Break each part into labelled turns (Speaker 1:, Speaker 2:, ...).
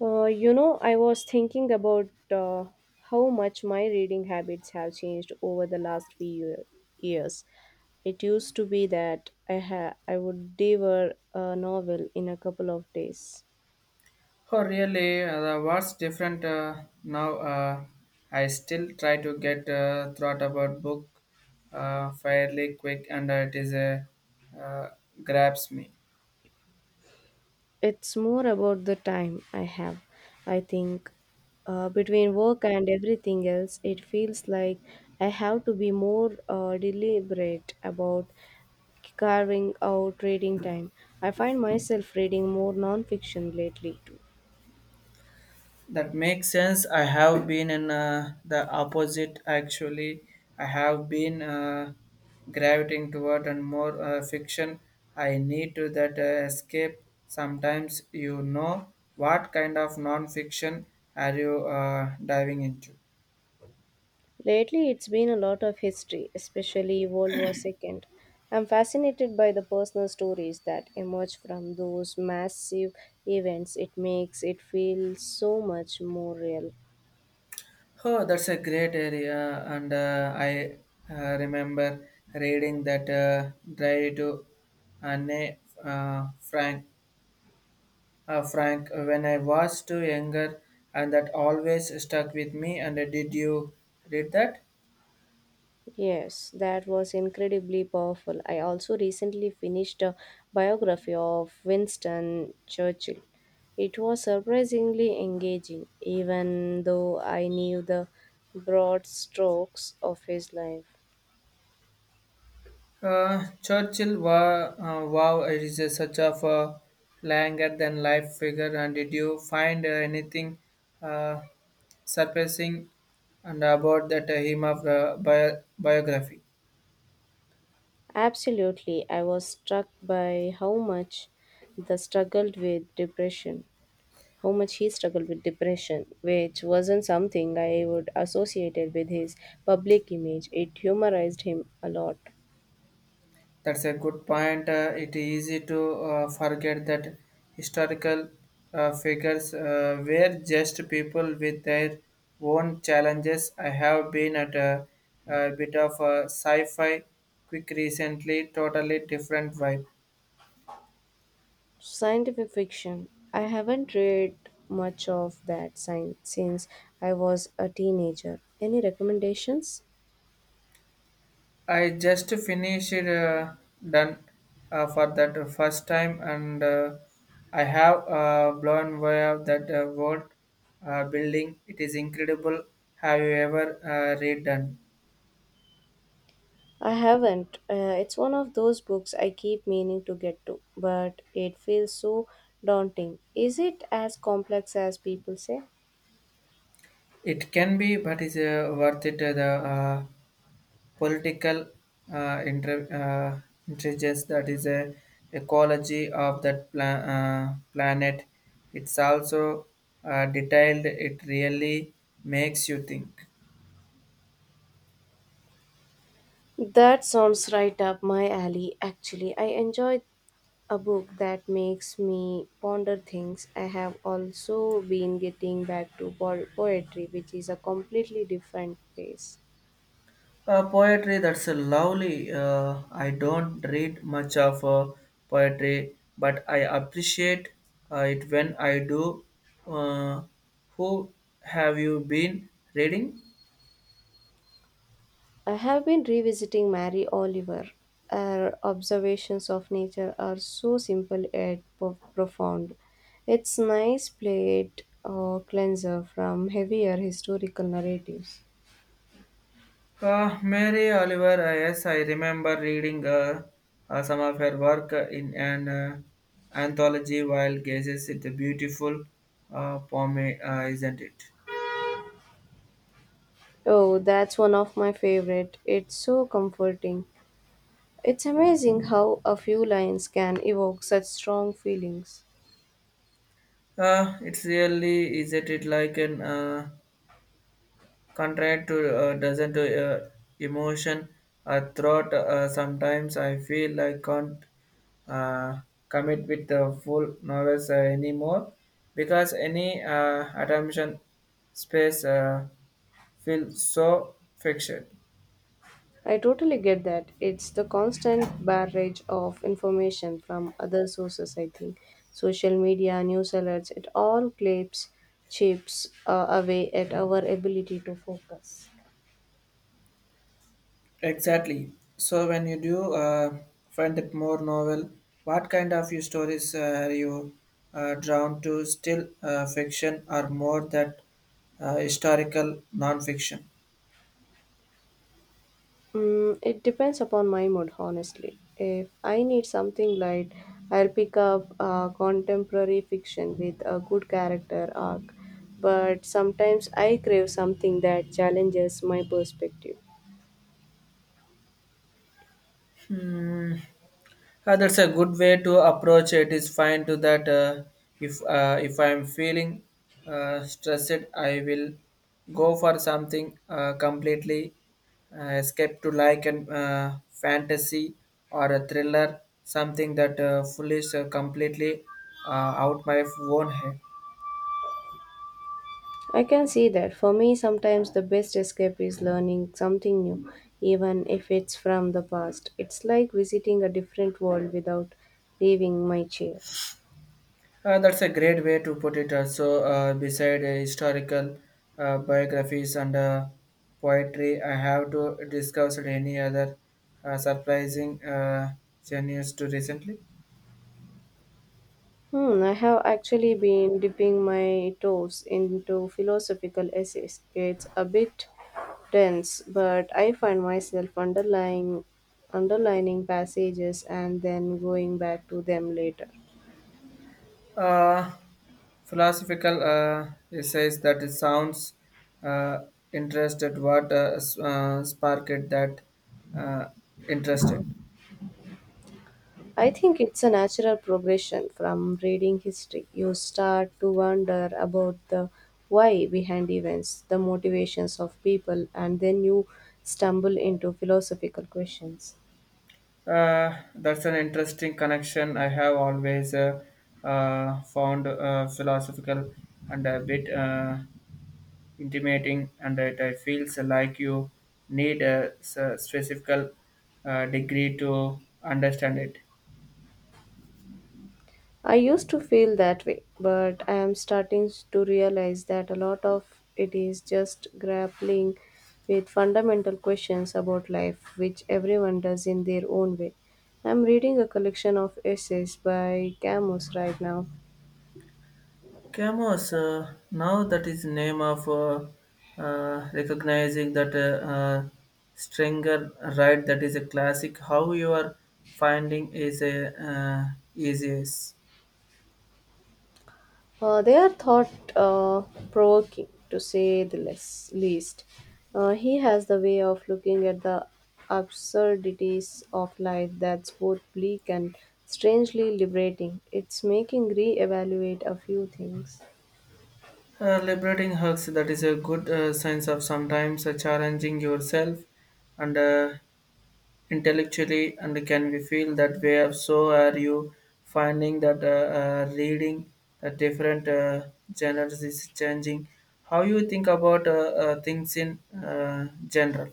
Speaker 1: I was thinking about how much my reading habits have changed over the years. It used to be that I would devour a novel in a couple of days.
Speaker 2: Oh, really? The what's different now? I still try to get thought about book fairly quick, and it is a uh, grabs me.
Speaker 1: It's more about the time I have. I think between work and everything else, it feels like I have to be more deliberate about carving out reading time. I find myself reading more nonfiction lately too.
Speaker 2: That makes sense. I have been in the opposite actually. I have been gravitating toward and more fiction. I need to that escape. Sometimes you know what kind of non-fiction are you diving into.
Speaker 1: Lately, it's been a lot of history, especially World War II. I'm fascinated by the personal stories that emerge from those massive events. It makes it feel so much more real.
Speaker 2: Oh, that's a great area, and I remember reading that Drive to Anne uh, Frank Frank when I was too younger, and that always stuck with me. And did you read that?
Speaker 1: Yes, that was incredibly powerful. I also recently finished a biography of Winston Churchill. It was surprisingly engaging, even though I knew the broad strokes of his life.
Speaker 2: Churchill, wow, it is a such of a longer than life figure. And did you find anything uh, surprising and about that him of biography?
Speaker 1: Absolutely, I was struck by the struggled with depression, how much he struggled with depression, which wasn't something I would associated with his public image. It humorized him a lot.
Speaker 2: That's a good point. It is easy to forget that historical figures were just people with their own challenges. I have been a bit of a sci fi quick recently, totally different vibe.
Speaker 1: Scientific fiction. I haven't read much of that science since I was a teenager. Any recommendations?
Speaker 2: I just finished done for that first time, and I have blown away of that world building. It is incredible. Have you ever read done?
Speaker 1: I haven't. It's one of those books I keep meaning to get to, but it feels so daunting. Is it as complex as people say?
Speaker 2: It can be, but it's worth it. The political uh, inter- uh, intelligence that is a ecology of that planet. It's also detailed. It really makes you think.
Speaker 1: That sounds right up my alley, actually. I enjoy a book that makes me ponder things. I have also been getting back to poetry, which is a completely different pace.
Speaker 2: Poetry that's a lovely. I don't read much of poetry, but I appreciate it when I do. Uh, who have you been reading?
Speaker 1: I have been revisiting Mary Oliver. Her observations of nature are so simple yet profound. It's nice plate or cleanser from heavier historical narratives.
Speaker 2: Mary Oliver, yes, I remember reading some of her work in an anthology while gazes at the beautiful poem, isn't it?
Speaker 1: Oh, that's one of my favorite. It's so comforting. It's amazing how a few lines can evoke such strong feelings.
Speaker 2: It's really, isn't it like an contract to doesn't emotion throat. Sometimes I feel I can't uh, commit with the full novels anymore because any attention space. Feel so fixed.
Speaker 1: I totally get that. It's the constant barrage of information from other sources, I think. Social media, news alerts, it all clips chips away at our ability to focus.
Speaker 2: Exactly. So when you do find it more novel, what kind of your stories are you drawn to? Still fiction or more that historical non-fiction?
Speaker 1: Mm, it depends upon my mood, honestly. If I need something light, I'll pick up contemporary fiction with a good character arc. But sometimes I crave something that challenges my perspective.
Speaker 2: That's a good way to approach It's fine to that. If if I'm feeling stressed, I will go for something completely escape to like and fantasy or a thriller, something that fully completely uh, out my own head.
Speaker 1: I can see that. For me, sometimes the best escape is learning something new, even if it's from the past. It's like visiting a different world without leaving my chair.
Speaker 2: That's a great way to put it. Also, beside historical biographies and poetry, I have to discuss any other surprising genius to recently.
Speaker 1: Hmm, I have actually been dipping my toes into philosophical essays. It's a bit dense, but I find myself underlying underlining passages and then going back to them later.
Speaker 2: Uh, Philosophical essays that it sounds uh, interested. What sparked that uh, interested?
Speaker 1: I think it's a natural progression from reading history. You start to wonder about the why behind events, the motivations of people, and then you stumble into philosophical questions.
Speaker 2: That's an interesting connection. I have always found philosophical and a bit intimidating, and it, feels like you need a specific degree to understand it.
Speaker 1: I used to feel that way, but I am starting to realize that a lot of it is just grappling with fundamental questions about life, which everyone does in their own way. I'm reading a collection of essays by Camus right now.
Speaker 2: Camus, now that is name of recognizing that Stringer right that is a classic. How you are finding is a easiest.
Speaker 1: They are thought provoking, to say the least. He has the way of looking at the absurdities of life that's both bleak and strangely liberating. It's making re-evaluate a few things.
Speaker 2: Liberating hugs, that is a good sense of sometimes challenging yourself and intellectually, and can we feel that way? If So, are you finding that reading the different genres is changing? How you think about things in general?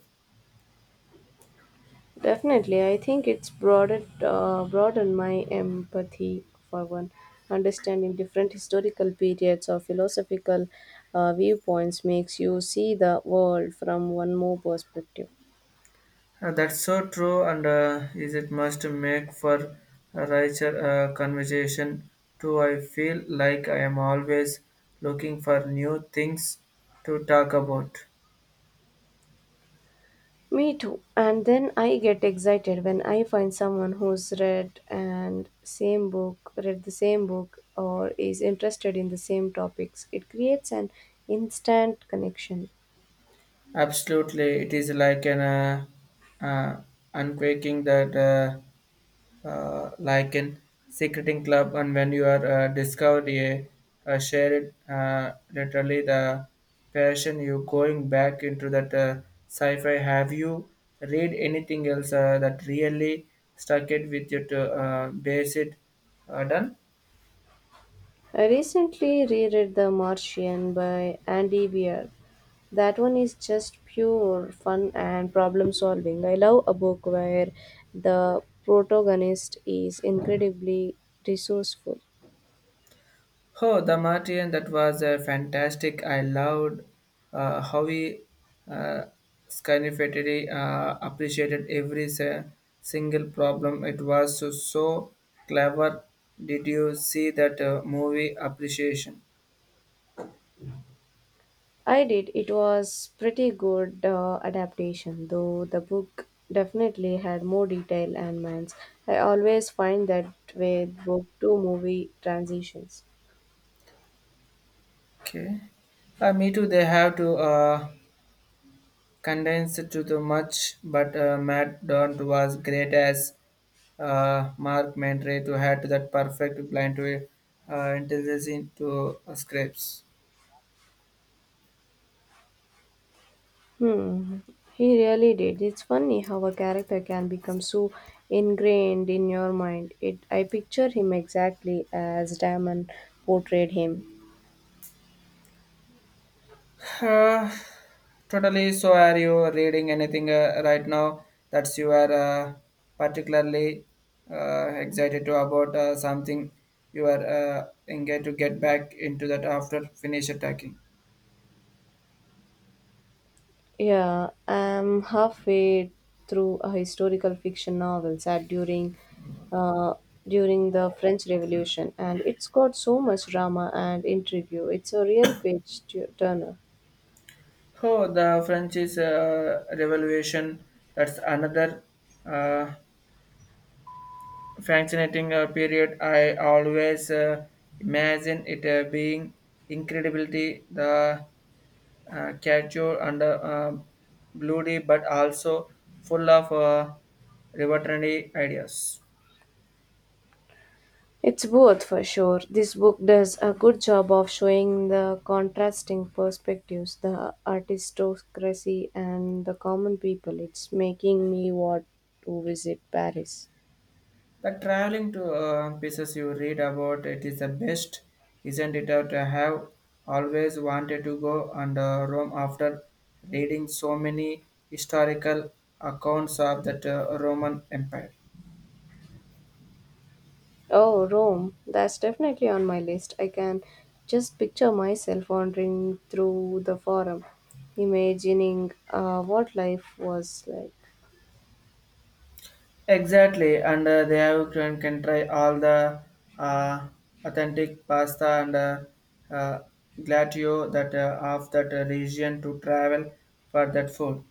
Speaker 1: Definitely, I think it's broadened my empathy for one. Understanding different historical periods or philosophical viewpoints makes you see the world from one more perspective.
Speaker 2: That's so true, and is it must make for a richer conversation too. I feel like I am always looking for new things to talk about.
Speaker 1: Me too. And then I get excited when I find someone who's read and same book, read the same book or is interested in the same topics. It creates an instant connection.
Speaker 2: Absolutely, it is like an uh, unquaking that. Like in secreting club and when you are discovered a shared literally the passion you going back into that sci-fi have you read anything else that really stuck it with you to base it done
Speaker 1: I recently reread The Martian by Andy Weir. That one is just pure fun and problem solving. I love a book where the protagonist is incredibly resourceful.
Speaker 2: Oh, the Martian, that was fantastic. I loved how he uh, significantly appreciated every single problem. It was so clever. Did you see that movie appreciation?
Speaker 1: I did. It was pretty good adaptation, though the book definitely had more detail and mans. I always find that with book to movie transitions.
Speaker 2: Okay. Me too. They have to condense it to the much, but Matt Daunt was great as Mark Mentre to add to that perfect blend to intelligence into scripts.
Speaker 1: Hmm. He really did. It's funny how a character can become so ingrained in your mind. It. I picture him exactly as Damon portrayed him.
Speaker 2: Uh, Totally. So, are you reading anything right now that you are particularly excited to about something you are engaged to get back into that after finish attacking?
Speaker 1: Yeah, I'm halfway through a historical fiction novel set uh, during the French Revolution, and it's got so much drama and intrigue. It's a real turner.
Speaker 2: Oh, the French is Revolution. That's another uh, fascinating period. I always imagine it being incredibly the caricature and bloody, but also full of revolutionary ideas.
Speaker 1: It's both for sure. This book does a good job of showing the contrasting perspectives, the aristocracy and the common people. It's making me want to visit Paris.
Speaker 2: The traveling to pieces you read about it is the best, isn't it? Out I have always wanted to go and Rome after reading so many historical accounts of that Roman Empire.
Speaker 1: Oh, Rome. That's definitely on my list. I can just picture myself wandering through the forum, imagining what life was like.
Speaker 2: Exactly, and they have can try all the uh, authentic pasta and uh, glatio that of that region to travel for that food.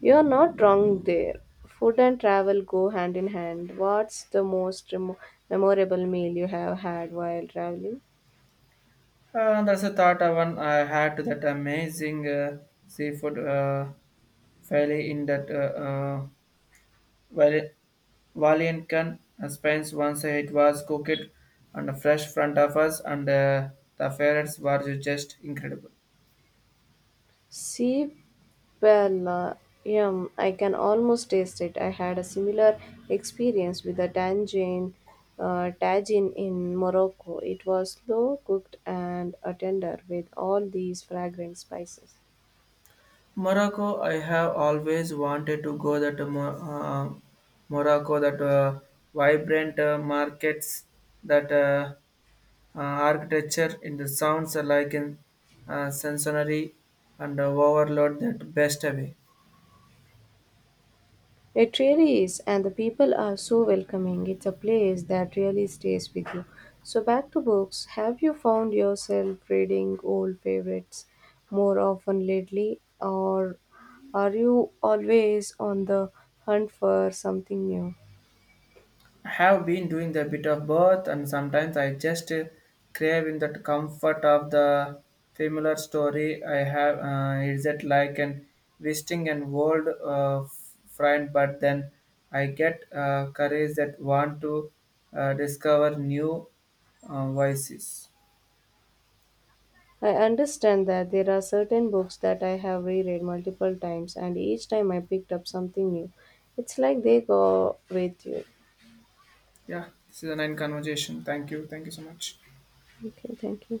Speaker 1: You're not wrong there. Food and travel go hand in hand. What's the most remo memorable meal you have had while traveling?
Speaker 2: That's a thought one I had to that amazing seafood fairly in that Val- Valiancan Spence once it was cooked on a fresh front of us and the ferrets were just incredible.
Speaker 1: Ceebalayam, I can almost taste it. I had a similar experience with a tagine in Morocco. It was slow cooked and tender with all these fragrant spices.
Speaker 2: Morocco, I have always wanted to go that Morocco, that vibrant markets, that architecture in the sounds are like in sensory and overload that best away.
Speaker 1: It really is, and the people are so welcoming. It's a place that really stays with you. So, back to books. Have you found yourself reading old favorites more often lately, or are you always on the hunt for something new?
Speaker 2: I have been doing a bit of both, and sometimes I just crave in that comfort of the familiar story. I have is it like an visiting an old friend, but then I get courage that want to discover new voices.
Speaker 1: I understand that there are certain books that I have reread multiple times, and each time I picked up something new. It's like they go with you.
Speaker 2: Yeah, this is a nine conversation. Thank you. Thank you so much.
Speaker 1: Okay, thank you.